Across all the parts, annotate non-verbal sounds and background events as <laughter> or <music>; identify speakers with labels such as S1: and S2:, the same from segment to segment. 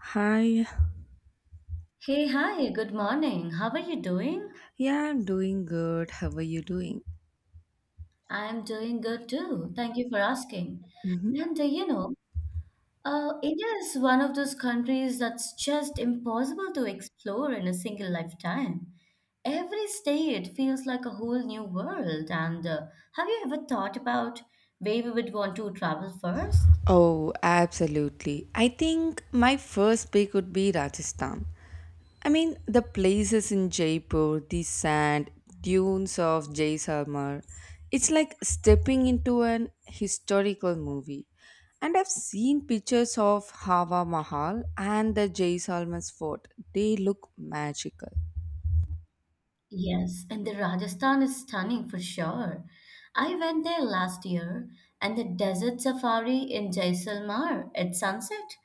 S1: Hi.
S2: Hey, hi, good morning. How are you doing?
S1: Yeah, I'm doing good. How are you doing?
S2: I'm doing good too. Thank you for asking.
S1: Hmm.
S2: And uh, you know, India is one of those countries that's just impossible to explore in a single lifetime. Every state feels like a whole new world. And Have you ever thought about where we would want to travel first?
S1: Oh, absolutely. I think my first pick would be Rajasthan. I mean, the places in Jaipur, the sand, dunes of Jaisalmer. It's like stepping into an historical movie. And I've seen pictures of Hava Mahal and the Jaisalmer's fort. They look magical.
S2: Yes, and the Rajasthan is stunning for sure. I went there last year, and the desert safari in Jaisalmer at sunset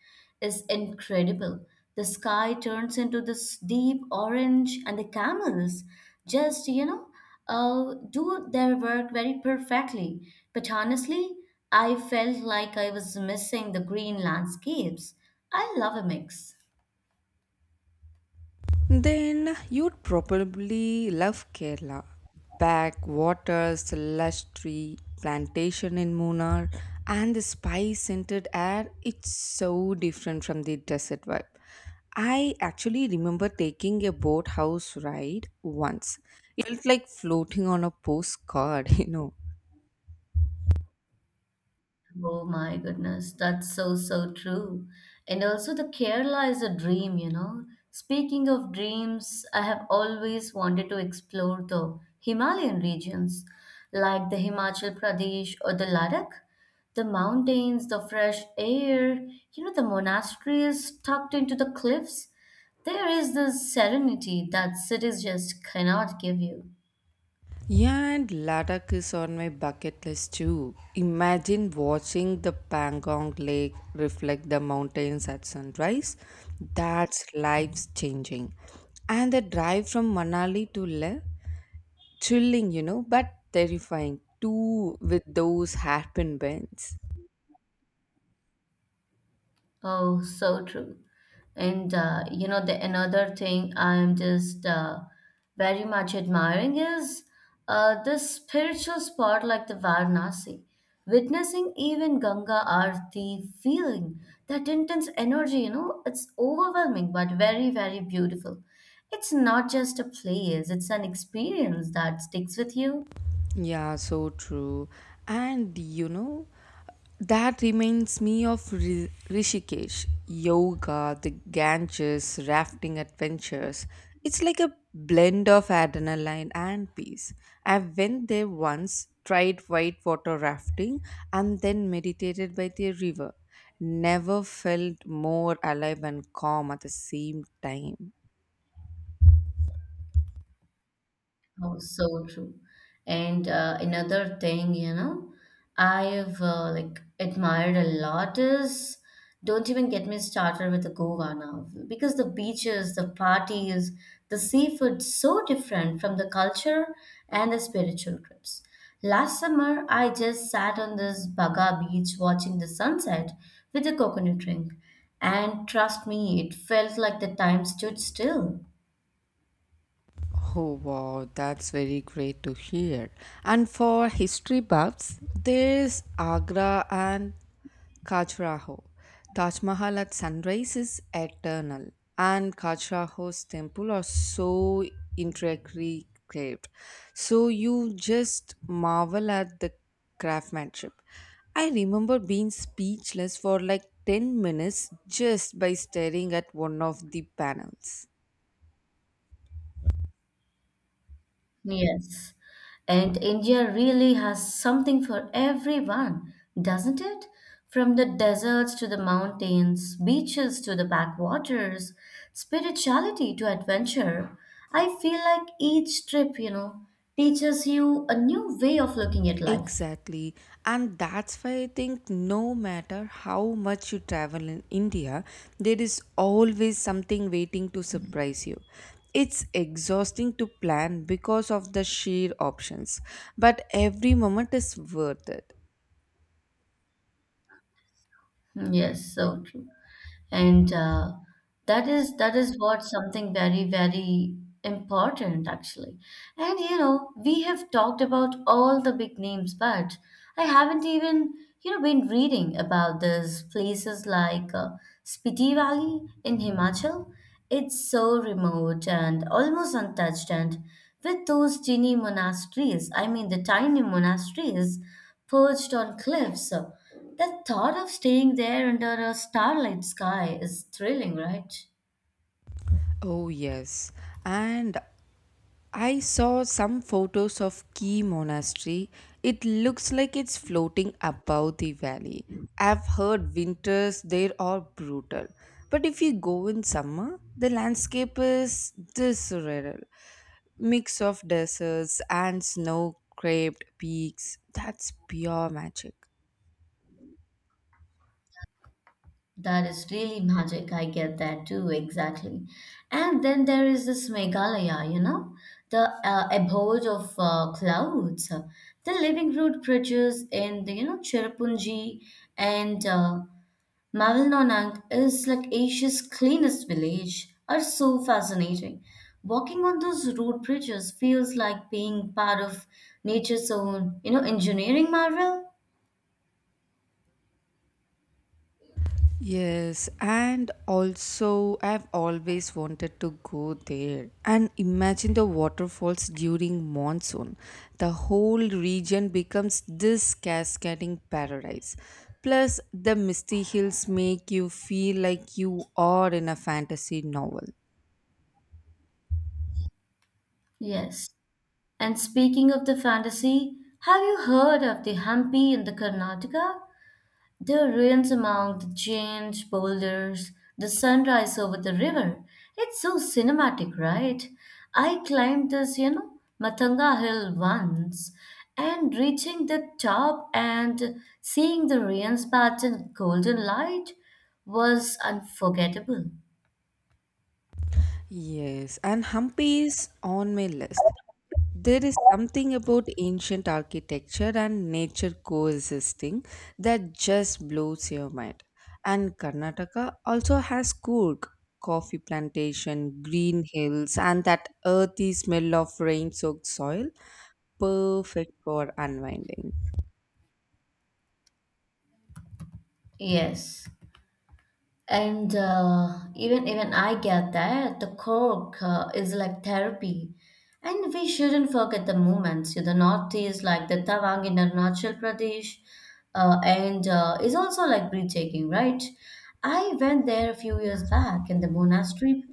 S2: is incredible. The sky turns into this deep orange, and the camels just do their work very perfectly. But honestly, I felt like I was missing the green landscapes. I love a mix.
S1: Then you'd probably love Kerala. Backwaters, lush tree, plantation in Munnar, and the spice scented air. It's so different from the desert vibe. I actually remember taking a boathouse ride once. It felt like floating on a postcard, <laughs>.
S2: Oh my goodness, that's so so true. And also the Kerala is a dream, you know. Speaking of dreams, I have always wanted to explore the Himalayan regions, like the Himachal Pradesh or the Ladakh. The mountains, the fresh air, you know, the monasteries tucked into the cliffs. There is this serenity that cities just cannot give you.
S1: Yeah, and Ladakh is on my bucket list too. Imagine watching the Pangong Lake reflect the mountains at sunrise. That's life changing. And the drive from Manali to Leh, thrilling, but terrifying too with those hairpin bends.
S2: Oh, so true. The another thing I'm just very much admiring is this spiritual spot like the Varanasi. Witnessing even Ganga Aarti, feeling that intense energy, you know, it's overwhelming but very, very beautiful. It's not just a place, it's an experience that sticks with you.
S1: Yeah, so true. And that reminds me of Rishikesh, yoga, the Ganges, rafting adventures. It's like a blend of adrenaline and peace. I went there once, tried whitewater rafting, and then meditated by the river. Never felt more alive and calm at the same time.
S2: Oh, so true. And Another thing, you know, I've like admired a lot is don't even get me started with the Goa now because the beaches, the parties, the seafood so different from the culture and the spiritual trips. Last summer, I just sat on this Baga beach watching the sunset with a coconut drink, and trust me, it felt like the time stood still.
S1: Oh, wow, that's very great to hear. And for history buffs, there's Agra and Khajuraho. Taj Mahal at sunrise is eternal, and Khajuraho's temple are so intricately carved. So you just marvel at the craftsmanship. I remember being speechless for like 10 minutes just by staring at one of the panels.
S2: Yes. And India really has something for everyone, doesn't it? From the deserts to the mountains, beaches to the backwaters, spirituality to adventure. I feel like each trip, you know, teaches you a new way of looking at life.
S1: Exactly. And that's why I think no matter how much you travel in India, there is always something waiting to surprise you. It's exhausting to plan because of the sheer options, but every moment is worth it.
S2: Hmm, yes, so true. And That is what something very, very important, actually. And you know, we have talked about all the big names, but I haven't even, you know, been reading about these places like Spiti Valley in Himachal. It's so remote and almost untouched, and with those tiny monasteries, I mean the tiny monasteries perched on cliffs. The thought of staying there under a starlit sky is thrilling, right?
S1: Oh, yes. And I saw some photos of Key Monastery. It looks like it's floating above the valley. I've heard winters there are brutal. But if you go in summer, the landscape is this surreal. Mix of deserts and snow-capped peaks. That's pure magic.
S2: That is really magic. I get that too, exactly. And then there is this Meghalaya, you know, the abode of clouds, the living root bridges in the, you know, Cherrapunji and Marvel is like Asia's cleanest village are so fascinating. Walking on those road bridges feels like being part of nature's own, you know, engineering marvel.
S1: Yes, and also I've always wanted to go there and imagine the waterfalls during monsoon. The whole region becomes this cascading paradise. Plus, the misty hills make you feel like you are in a fantasy novel.
S2: Yes. And speaking of the fantasy, have you heard of the Hampi in the Karnataka? The ruins among the giant boulders, the sunrise over the river. It's so cinematic, right? I climbed this, you know, Matanga Hill once, and reaching the top and seeing the ruins bathed in golden light was unforgettable.
S1: Yes, and Hampi is on my list. There is something about ancient architecture and nature coexisting that just blows your mind. And Karnataka also has Coorg, coffee plantation, green hills, and that earthy smell of rain soaked soil, perfect for unwinding.
S2: Yes. And even I get that the cork is like therapy, and we shouldn't forget the movements. You know, the northeast, like the Tawang in Arunachal Pradesh, and is also like breathtaking, right? I went there a few years back, and the monastery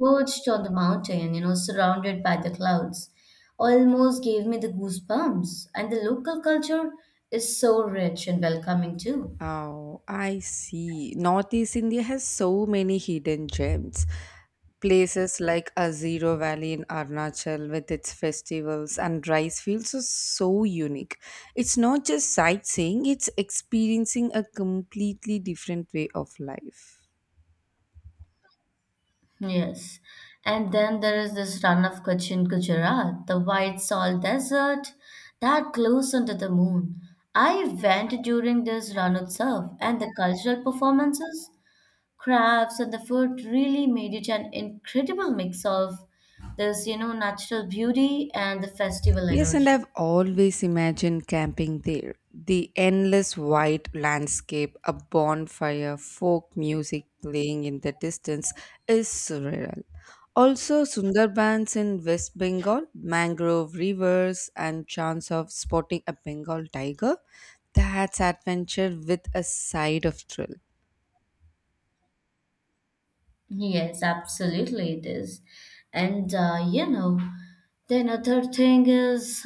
S2: perched on the mountain, you know, surrounded by the clouds, almost gave me the goosebumps. And the local culture is so rich and welcoming too.
S1: Oh, I see. Northeast India has so many hidden gems. Places like Aziro Valley in Arunachal with its festivals and rice fields are so unique. It's not just sightseeing, it's experiencing a completely different way of life.
S2: Yes. And then there is this run of Cochin Gujarat, the white salt desert that glows under the moon. I went during this Ranutsav and the cultural performances, crafts, and the food really made it an incredible mix of this, you know, natural beauty and the festival
S1: Yes, and
S2: energy.
S1: I've always imagined camping there. The endless white landscape, a bonfire, folk music playing in the distance is surreal. Also, Sundarbans in West Bengal, mangrove rivers, and chance of spotting a Bengal tiger. That's adventure with a side of thrill.
S2: Yes, absolutely it is. And uh, you know, the another thing is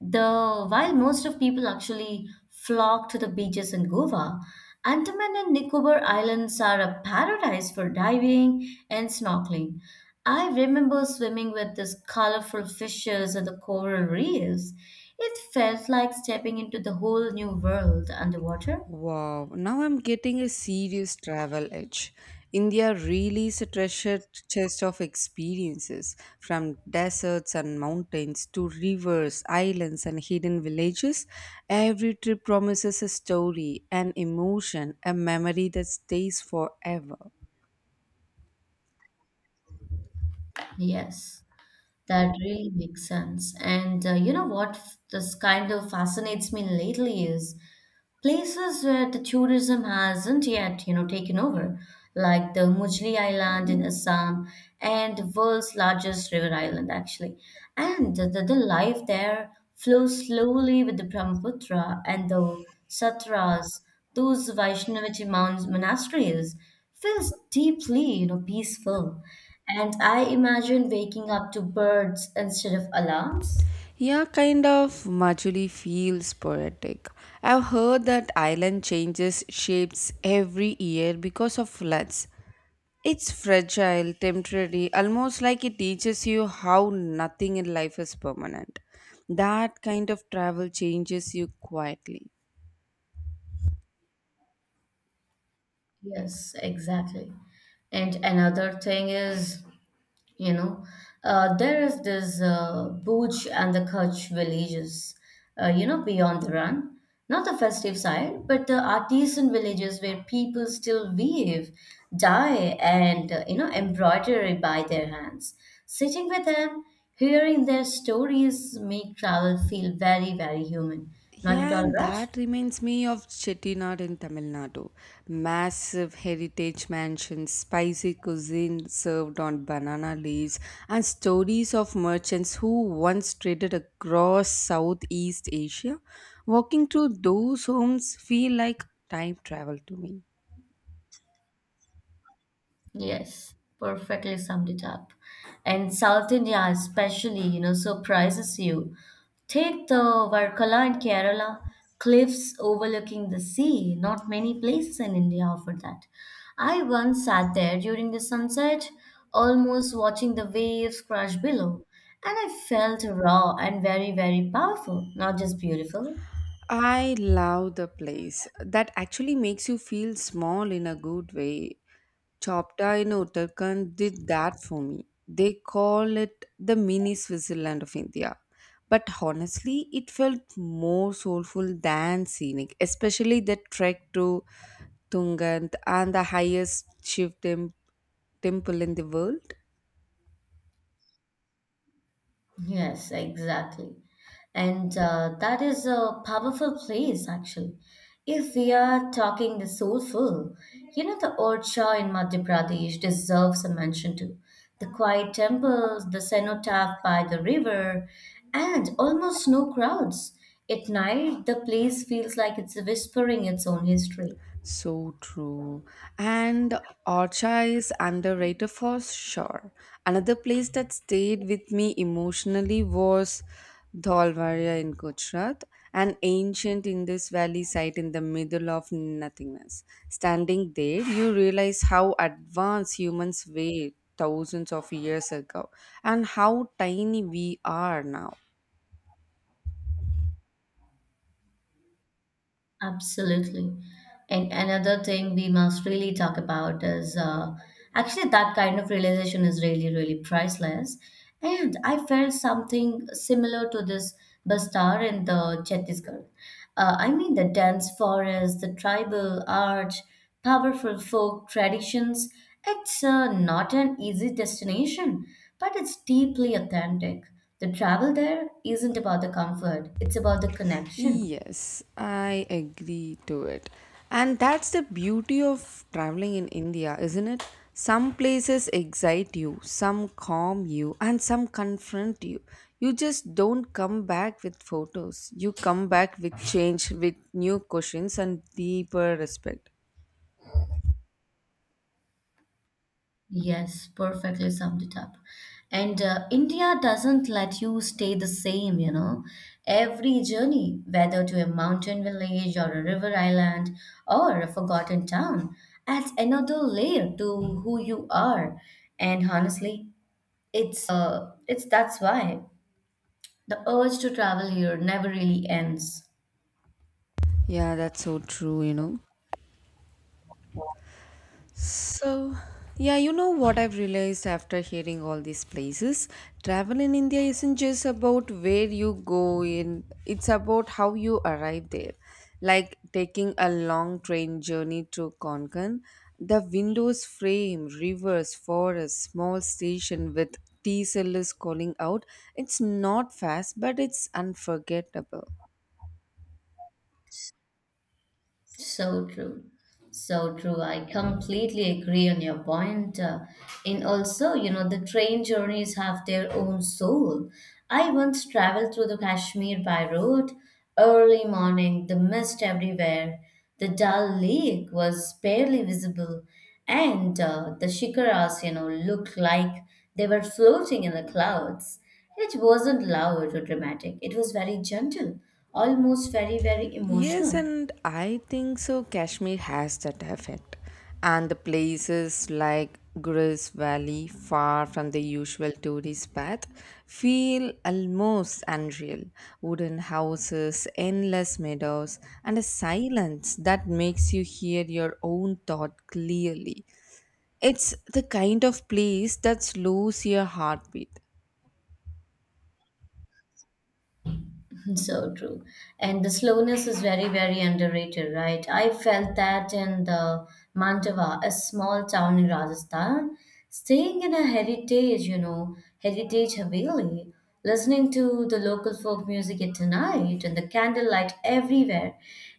S2: the while most of people actually flock to the beaches in Goa, Andaman and Nicobar Islands are a paradise for diving and snorkeling. I remember swimming with these colorful fishes and the coral reefs. It felt like stepping into the whole new world underwater.
S1: Wow, now I'm getting a serious travel itch. India really is a treasure chest of experiences, from deserts and mountains to rivers, islands, and hidden villages. Every trip promises a story, an emotion, a memory that stays forever.
S2: Yes. That really makes sense. And You know what this kind of fascinates me lately is places where the tourism hasn't yet, you know, taken over, like the Mujli Island in Assam and the world's largest river island, actually. And the life there flows slowly with the Brahmaputra and the Satras, those monasteries, feels deeply, you know, peaceful. And I imagine waking up to birds instead of alarms.
S1: Yeah, kind of Majuli feels poetic. I've heard that island changes shapes every year because of floods. It's fragile, temporary, almost like it teaches you how nothing in life is permanent. That kind of travel changes you quietly.
S2: Yes, exactly. And another thing is, you know, there is this Bhuj and the Kutch villages, you know, beyond the run. Not the festive side, but the artisan villages where people still weave, dye, and, you know, embroidery by their hands. Sitting with them, hearing their stories make travel feel very, very human, not at
S1: Yeah,
S2: all
S1: and
S2: rushed.
S1: that reminds me of Chettinad in Tamil Nadu. Massive heritage mansions, spicy cuisine served on banana leaves, and stories of merchants who once traded across Southeast Asia. Walking through those homes feel like time travel to me.
S2: Yes, perfectly summed it up. And South India, especially, you know, surprises you. Take the Varkala in Kerala, cliffs overlooking the sea. Not many places in India offer that. I once sat there during the sunset, almost watching the waves crash below, and I felt raw and very, very powerful, not just beautiful.
S1: I love the place. That actually makes you feel small in a good way. Chopta in Uttarakhand did that for me. They call it the mini Switzerland of India. But honestly, it felt more soulful than scenic, especially the trek to Tungant and the highest shiv temple in the world.
S2: Yes, exactly. And that is a powerful place, actually. If we are talking the soulful, you know, the Orchha in Madhya Pradesh deserves a mention too. The quiet temples, the cenotaph by the river, and almost no crowds. At night, the place feels like it's whispering its own history.
S1: So true. And archa is underrated for sure. Another place that stayed with me emotionally was Dholvaria in Gujarat, an ancient Indus Valley site in the middle of nothingness. Standing there, you realize how advanced humans were thousands of years ago and how tiny we are now.
S2: Absolutely. And another thing we must really talk about is, actually, that kind of realization is really, really priceless. And I felt something similar to this Bastar in the Chhattisgarh. I mean, the dense forest, the tribal art, powerful folk traditions. It's not an easy destination, but it's deeply authentic. The travel there isn't about the comfort, it's about the connection.
S1: Yes, I agree to it. And that's the beauty of traveling in India, isn't it? Some places excite you, some calm you, and some confront you. You just don't come back with photos. You come back with change, with new questions and deeper respect.
S2: Yes, perfectly summed it up. And India doesn't let you stay the same, you know. Every journey, whether to a mountain village or a river island or a forgotten town, adds another layer to who you are. And honestly, it's that's why the urge to travel here never really ends.
S1: Yeah, that's so true. So, yeah, you know what I've realized after hearing all these places? Travel in India isn't just about where you go in, it's about how you arrive there. Like taking a long train journey to Konkan, the windows frame, rivers, forest, small station with tea sellers calling out. It's not fast, but it's unforgettable.
S2: So true. So true. I completely agree on your point. And also, you know, the train journeys have their own soul. I once traveled through the Kashmir by road, early morning, the mist everywhere. The Dal Lake was barely visible, and the shikaras, you know, looked like they were floating in the clouds. It wasn't loud or dramatic, it was very gentle, almost very, very
S1: Yes,
S2: emotional.
S1: and I think so. Kashmir has that effect. And the places like Gris Valley, far from the usual tourist path, feel almost unreal. Wooden houses, endless meadows, and a silence that makes you hear your own thought clearly. It's the kind of place that slows your heartbeat.
S2: <laughs> So true. And the slowness is very, very underrated, right? I felt that in the Mantova, a small town in Rajasthan, staying in a heritage, you know, heritage haveli, listening to the local folk music at night and the candlelight everywhere.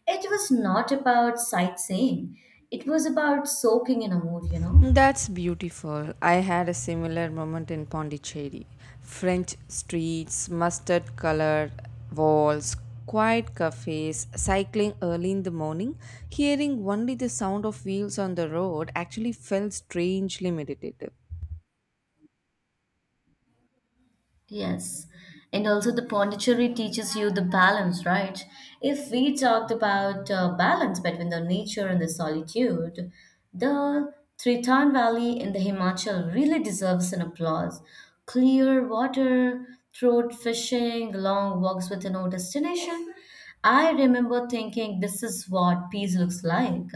S2: It was not about sightseeing. It was about soaking in a mood, you know.
S1: That's beautiful. I had a similar moment in Pondicherry. French streets, mustard colored walls, quiet cafes, cycling early in the morning, hearing only the sound of wheels on the road actually felt strangely meditative.
S2: Yes. And also, the Pondicherry teaches you the balance, right? If we talked about balance between the nature and the solitude, the Triton Valley in the Himachal really deserves an applause. Clear water, throat fishing, long walks with no destination. I remember thinking, this is what peace looks like.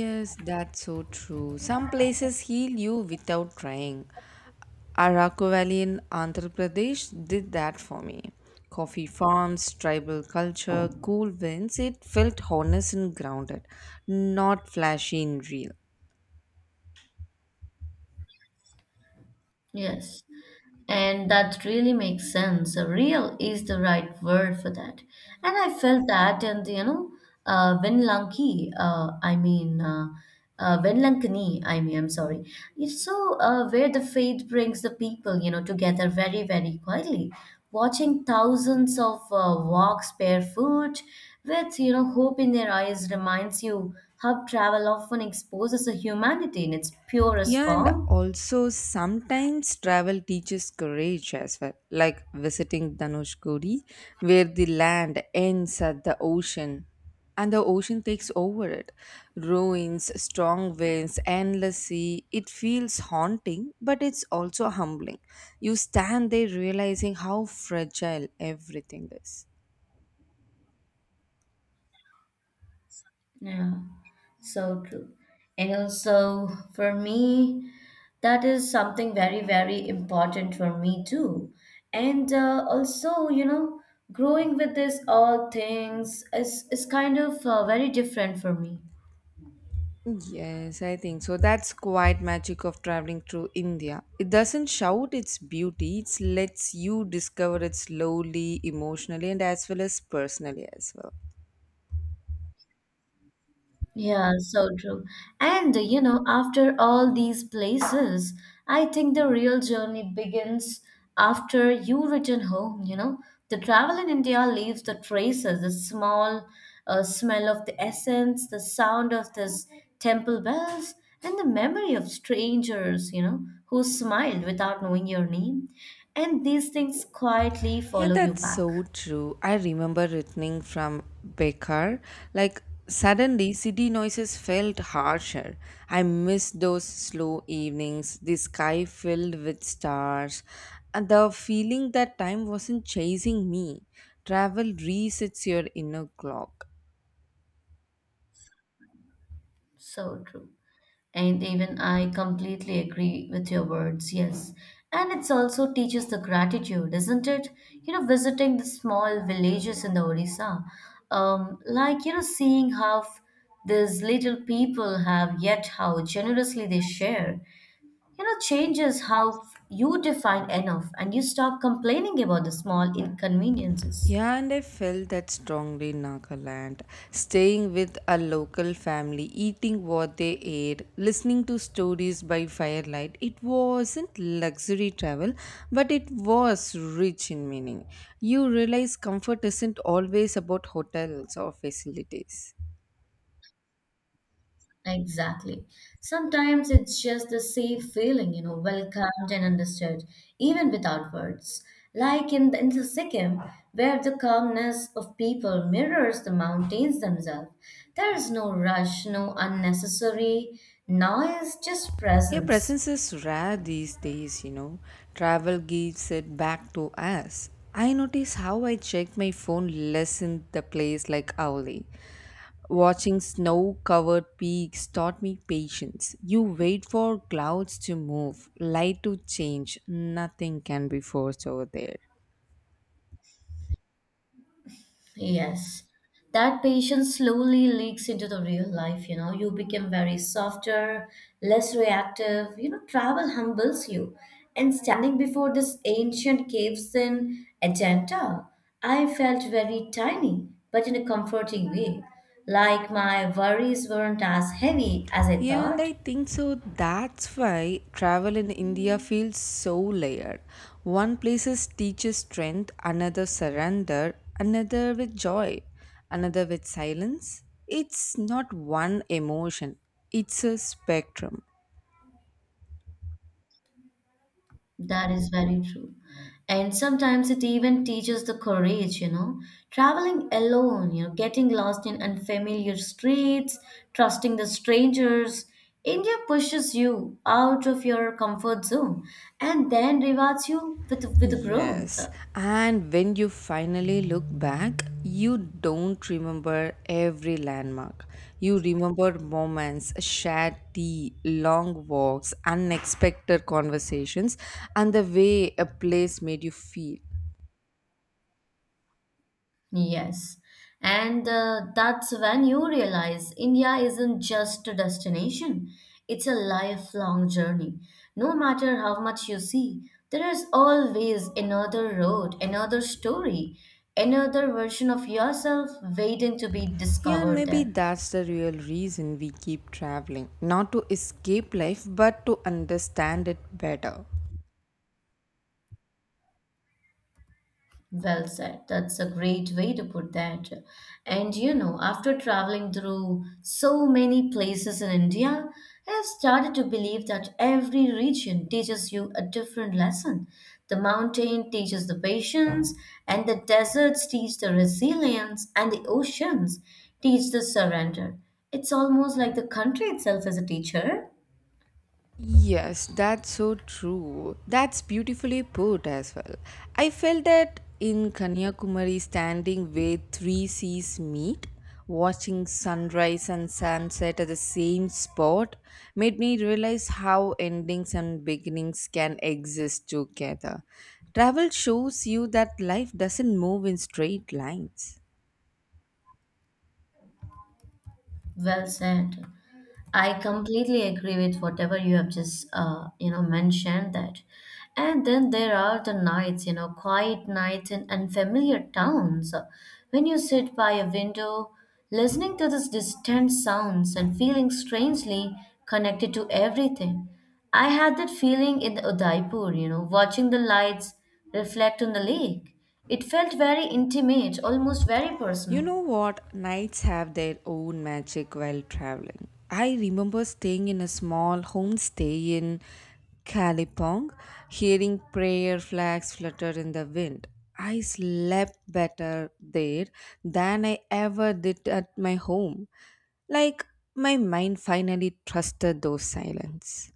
S1: Yes, that's so true. Some places heal you without trying. Araku Valley in Andhra Pradesh did that for me. Coffee farms, tribal culture, cool winds, it felt honest and grounded, not flashy and real.
S2: Yes. And that really makes sense. Real is the right word for that. And I felt that in the, you know, uh, Vinlanki, uh, I mean, uh, Vinlankani, I mean, I'm sorry. It's so where the faith brings the people, you know, together very, very quietly. Watching thousands of walks barefoot with, you know, hope in their eyes reminds you how travel often exposes a humanity in its purest
S1: Yeah, and
S2: form.
S1: also sometimes travel teaches courage as well, like visiting Dhanushkodi, where the land ends at the ocean and the ocean takes over it. Ruins, strong winds, endless sea. It feels haunting, but it's also humbling. You stand there realizing how fragile everything is.
S2: Yeah. So true. And also for me, that is something very, very important for me too. And Also, you know, growing with this all things is kind of very different for me.
S1: Yes, I think so. That's quite magic of traveling through India. It doesn't shout its beauty, it lets you discover it slowly, emotionally, and as well as personally as well.
S2: Yeah, so true. And You know, after all these places, I think the real journey begins after you return home, you know. The travel in India leaves the traces, the small smell of the essence, the sound of this temple bells, and the memory of strangers, you know, who smiled without knowing your name. And these things quietly
S1: Yeah,
S2: follow you
S1: that's
S2: back.
S1: so true. I remember returning from Bekar. Like, suddenly, city noises felt harsher. I missed those slow evenings, the sky filled with stars, and the feeling that time wasn't chasing me. Travel resets your inner clock.
S2: So true. And even I completely agree with your words, yes. And it's also teaches the gratitude, isn't it? You know, visiting the small villages in the Odisha, like, you know, seeing how these little people have, yet how generously they share, you know, changes how you define enough and you stop complaining about the small inconveniences.
S1: Yeah, and I felt that strongly in Nagaland. Staying with a local family, eating what they ate, listening to stories by firelight, it wasn't luxury travel, but it was rich in meaning. You realize comfort isn't always about hotels or facilities.
S2: Exactly. Sometimes it's just the safe feeling, you know, welcomed and understood, even without words. Like in the Sikkim, where the calmness of people mirrors the mountains themselves. There is no rush, no unnecessary noise, just
S1: Yeah,
S2: presence.
S1: presence is rare these days. Travel gives it back to us. I notice how I check my phone less in the place like Auli. Watching snow covered peaks taught me patience. You wait for clouds to move, light to change. Nothing can be forced over there.
S2: Yes. That patience slowly leaks into the real life, you know. You become very softer, less reactive. You know, travel humbles you. And standing before this ancient caves in Ajanta, I felt very tiny, but in a comforting way. Like my worries weren't as heavy as I
S1: Yeah, and
S2: thought.
S1: I think so. That's why travel in India feels so layered. One place is teaches strength, another surrender, another with joy, another with silence. It's not one emotion, it's a spectrum.
S2: That is very true. And sometimes it even teaches the courage, you know, traveling alone, you know, getting lost in unfamiliar streets, trusting the strangers. India pushes you out of your comfort zone and then rewards you with growth.
S1: Yes, and when you finally look back, you don't remember every landmark. You remember moments, shared tea, long walks, unexpected conversations, and the way a place made you feel.
S2: Yes. And that's when you realize India isn't just a destination, it's a lifelong journey. No matter how much you see, there is always another road, another story, another version of yourself waiting to be
S1: Yeah, and
S2: discovered
S1: maybe
S2: there.
S1: that's the real reason we keep traveling not to escape life, but to understand it better.
S2: Well said. That's a great way to put that. And you know, after traveling through so many places in India, I've started to believe that every region teaches you a different lesson. The mountain teaches the patience, and the deserts teach the resilience, and the oceans teach the surrender. It's almost like the country itself is a teacher.
S1: Yes, that's so true. That's beautifully put as well. I felt that in Kanyakumari, standing where three seas meet, watching sunrise and sunset at the same spot made me realize how endings and beginnings can exist together. Travel shows you that life doesn't move in straight lines.
S2: Well said. I completely agree with whatever you have just you know mentioned that. And then there are the nights, you know, quiet nights in unfamiliar towns when you sit by a window listening to these distant sounds and feeling strangely connected to everything. I had that feeling in Udaipur, you know, watching the lights reflect on the lake. It felt very intimate, almost very
S1: You
S2: personal.
S1: know what? Nights have their own magic while traveling. I remember staying in a small homestay in Kalipong, hearing prayer flags flutter in the wind. I slept better there than I ever did at my home. Like my mind finally trusted those silence.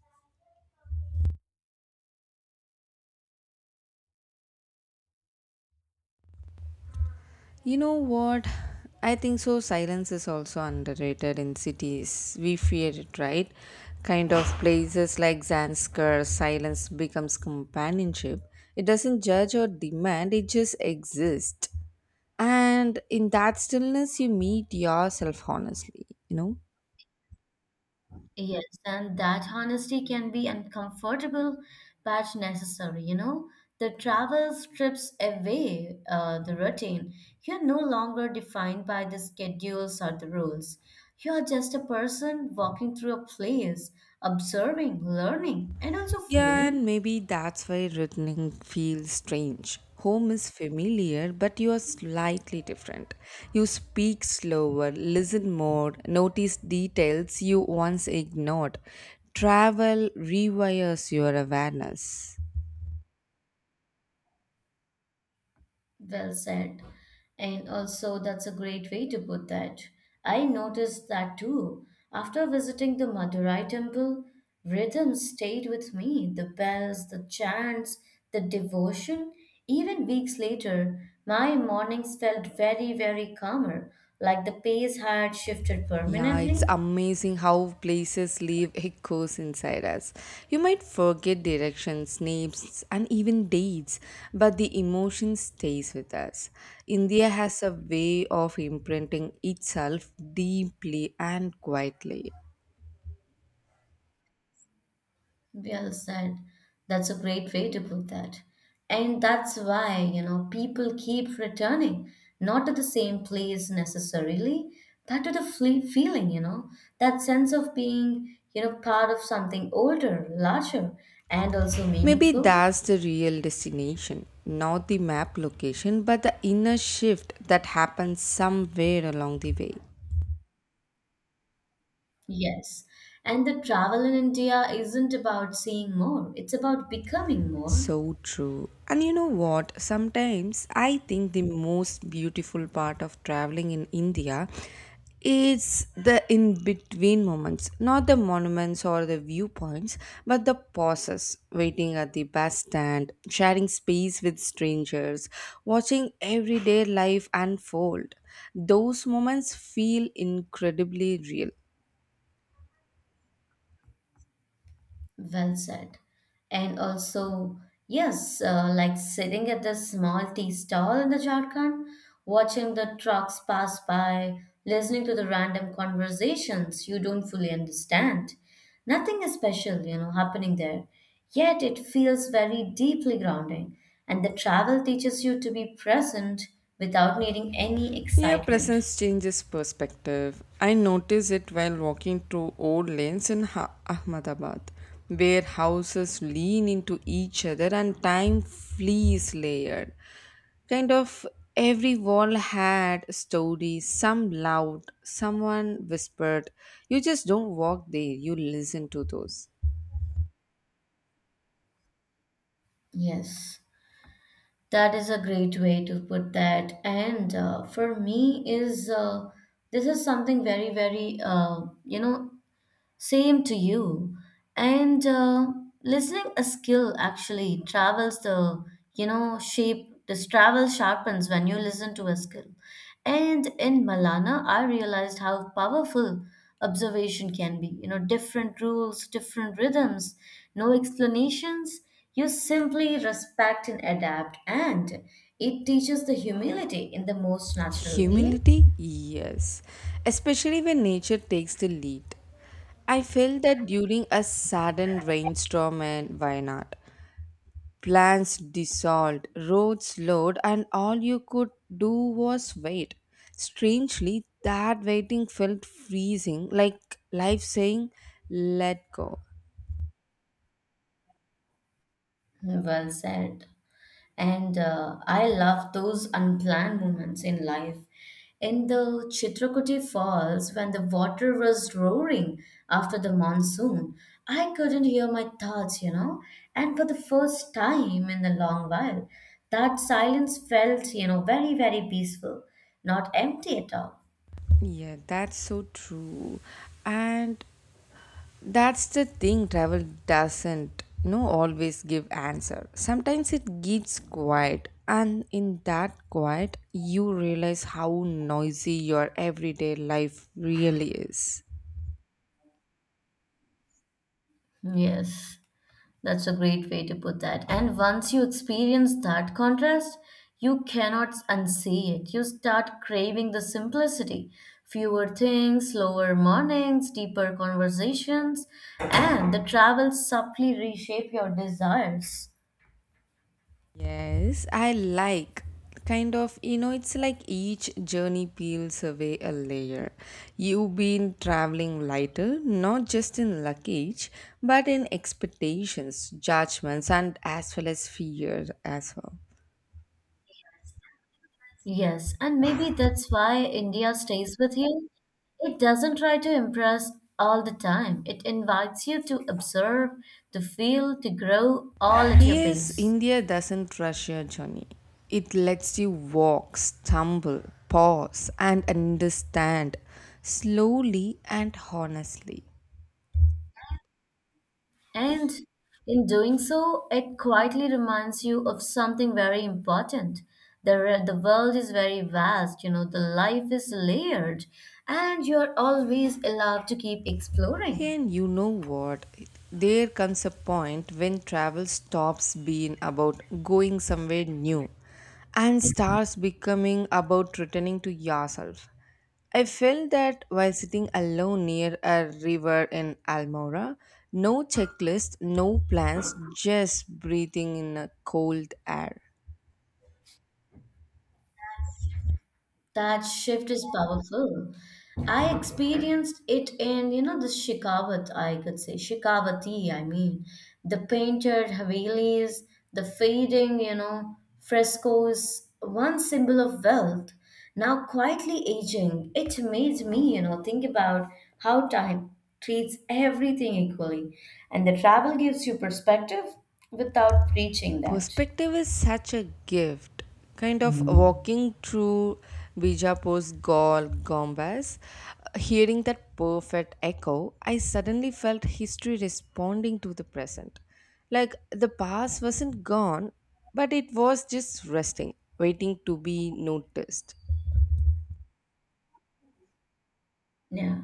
S1: You know what? I think so. Silence is also underrated in cities. We fear it, right? Kind of places like Zanskar, silence becomes companionship. It doesn't judge or demand, it just exists. And in that stillness, you meet yourself honestly, you know?
S2: Yes, and that honesty can be uncomfortable but necessary, you know. The travel strips away the routine. You're no longer defined by the schedules or the rules. You're just a person walking through a place, observing, learning, and also
S1: Yeah,
S2: feeling.
S1: and maybe that's why returning feels strange. Home is familiar, but you are slightly different. You speak slower, listen more, notice details you once ignored. Travel rewires your awareness.
S2: Well said. And also, that's a great way to put that. I noticed that too. After visiting the Madurai temple, rhythm stayed with me. The bells, the chants, the devotion. Even weeks later, my mornings felt very, very calmer, like the pace had shifted
S1: Yeah, it's
S2: permanently.
S1: amazing how places leave echoes inside us. You might forget directions, names, and even dates, but the emotion stays with us. India has a way of imprinting itself deeply and quietly.
S2: Well said. That's a great way to put that. And that's why, you know, people keep returning, not to the same place necessarily, but to the feeling, you know, that sense of being, you know, part of something older, larger, and also
S1: Maybe
S2: meaningful.
S1: that's the real destination, not the map location, but the inner shift that happens somewhere along the way.
S2: Yes. And the travel in India isn't about seeing more, it's about becoming more.
S1: So true. And you know what? Sometimes I think the most beautiful part of traveling in India is the in between moments, not the monuments or the viewpoints, but the pauses, waiting at the bus stand, sharing space with strangers, watching everyday life unfold. Those moments feel incredibly real.
S2: Well said. And also, yes, like sitting at the small tea stall in the Jharkhand, watching the trucks pass by, listening to the random conversations you don't fully understand. Nothing is special, you know, happening there. Yet it feels very deeply grounding. And the travel teaches you to be present without needing any
S1: Yeah,
S2: excitement.
S1: presence changes perspective. I notice it while walking through old lanes in Ahmedabad, where houses lean into each other and time flees layered. Kind of every wall had stories, some loud, someone whispered. You just don't walk there, you listen to those.
S2: Yes. That is a great way to put that. And for me, is this is something very, very you know same to you. And listening a skill actually travels the, you know, shape, this travel sharpens when you listen to a skill. And in Malana, I realized how powerful observation can be. You know, different rules, different rhythms, no explanations. You simply respect and adapt. And it teaches the humility in the most natural way.
S1: Humility? Yes. Especially when nature takes the lead. I felt that during a sudden rainstorm in Wayanad, plans dissolved, roads slowed, and all you could do was wait. Strangely, that waiting felt freezing, like life saying, let go.
S2: Well said. And I love those unplanned moments in life. In the Chitrakuti Falls, when the water was roaring after the monsoon, I couldn't hear my thoughts, you know. And for the first time in a long while, that silence felt, you know, very, very peaceful, not empty at all.
S1: Yeah, that's so true. And that's the thing, travel doesn't always give answer. Sometimes it gives quiet, and in that quiet you realize how noisy your everyday life really is.
S2: Yes. That's a great way to put that. And once you experience that contrast, you cannot unsee it. You start craving the simplicity, fewer things, slower mornings, deeper conversations, and the travel subtly reshape your desires.
S1: Yes, I like kind of it's like each journey peels away a layer. You've been traveling lighter, not just in luggage but in expectations, judgments, and as well as fear as well.
S2: Yes, and maybe that's why India stays with you. It doesn't try to impress all the time. It invites you to observe, to feel, to grow all at your
S1: Yes,
S2: pace.
S1: India doesn't rush your journey. It lets you walk, stumble, pause, and understand slowly and honestly.
S2: And in doing so, it quietly reminds you of something very important. The, the world is very vast, you know, the life is layered, and you're always allowed to keep exploring.
S1: And you know what? There comes a point when travel stops being about going somewhere new and starts becoming about returning to yourself. I felt that while sitting alone near a river in Almora, no checklist, no plans, just breathing in a cold air.
S2: That shift is powerful. I experienced it in, you know, the Shikavat, I could say, Shikavati, I mean, the painted Havelis, the fading, you know, frescoes, one symbol of wealth, now quietly aging. It made me, you know, think about how time treats everything equally. And the travel gives you perspective without preaching that.
S1: Perspective is such a gift. Kind of walking through Bijapur's Gaul Gombas, hearing that perfect echo, I suddenly felt history responding to the present. Like the past wasn't gone, but it was just resting, waiting to be noticed.
S2: Yeah.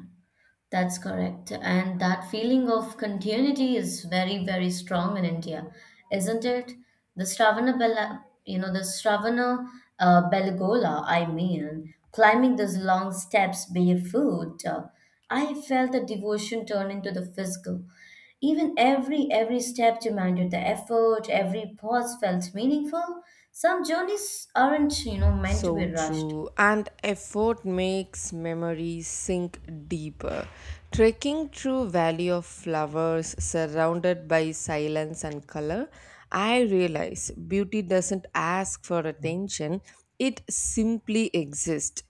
S2: That's correct. And that feeling of continuity is very, very strong in India, isn't it? The Stravana Bella, you know, the Stravana Belagola, I mean, climbing those long steps barefoot, I felt the devotion turn into the physical. Even every step demanded the effort, every pause felt meaningful. Some journeys aren't, you know, meant to
S1: So
S2: be rushed.
S1: true. And effort makes memories sink deeper. Trekking through Valley of Flowers surrounded by silence and color, I realize beauty doesn't ask for attention, it simply exists.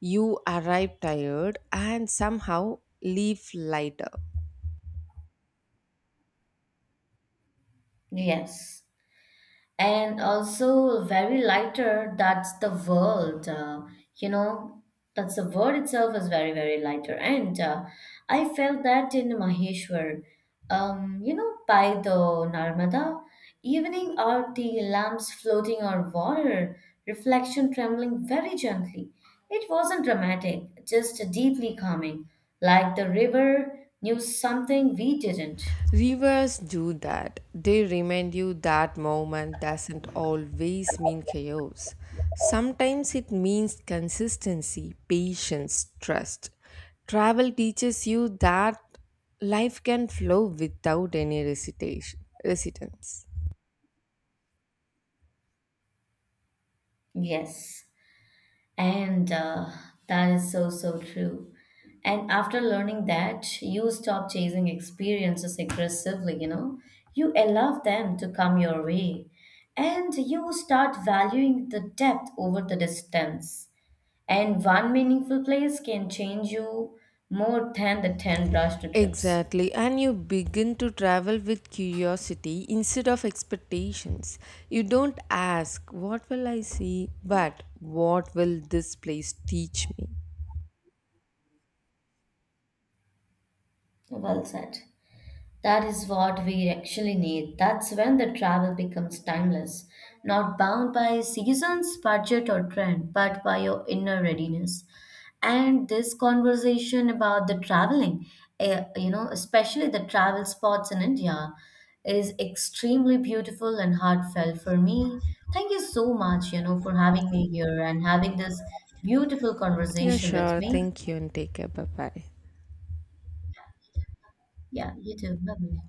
S1: You arrive tired and somehow leave lighter.
S2: Yes, and also very lighter. That's the world you know, that's the world itself is very, very lighter. And I felt that in Maheshwar, you know, by the Narmada, evening aarti lamps floating on water, reflection trembling very gently. It wasn't dramatic, just deeply calming, like the river knew something we didn't.
S1: Rivers do that. They remind you that movement doesn't always mean chaos. Sometimes it means consistency, patience, trust. Travel teaches you that life can flow without any hesitation, resistance.
S2: Yes. And that is so, so true. And after learning that, you stop chasing experiences aggressively, you know, you allow them to come your way. And you start valuing the depth over the distance. And one meaningful place can change you more than the 10 rushed trips.
S1: Exactly, and you begin to travel with curiosity instead of expectations. You don't ask, "What will I see?" but "What will this place teach me?"
S2: Well said. That is what we actually need. That's when the travel becomes timeless, not bound by seasons, budget, or trend, but by your inner readiness. And this conversation about the traveling, eh, you know, especially the travel spots in India, is extremely beautiful and heartfelt for me. Thank you so much, you know, for having me here and having this beautiful
S1: Yeah,
S2: conversation with
S1: sure.
S2: me.
S1: Thank you and take care. Bye bye.
S2: Yeah, you too. Bye bye.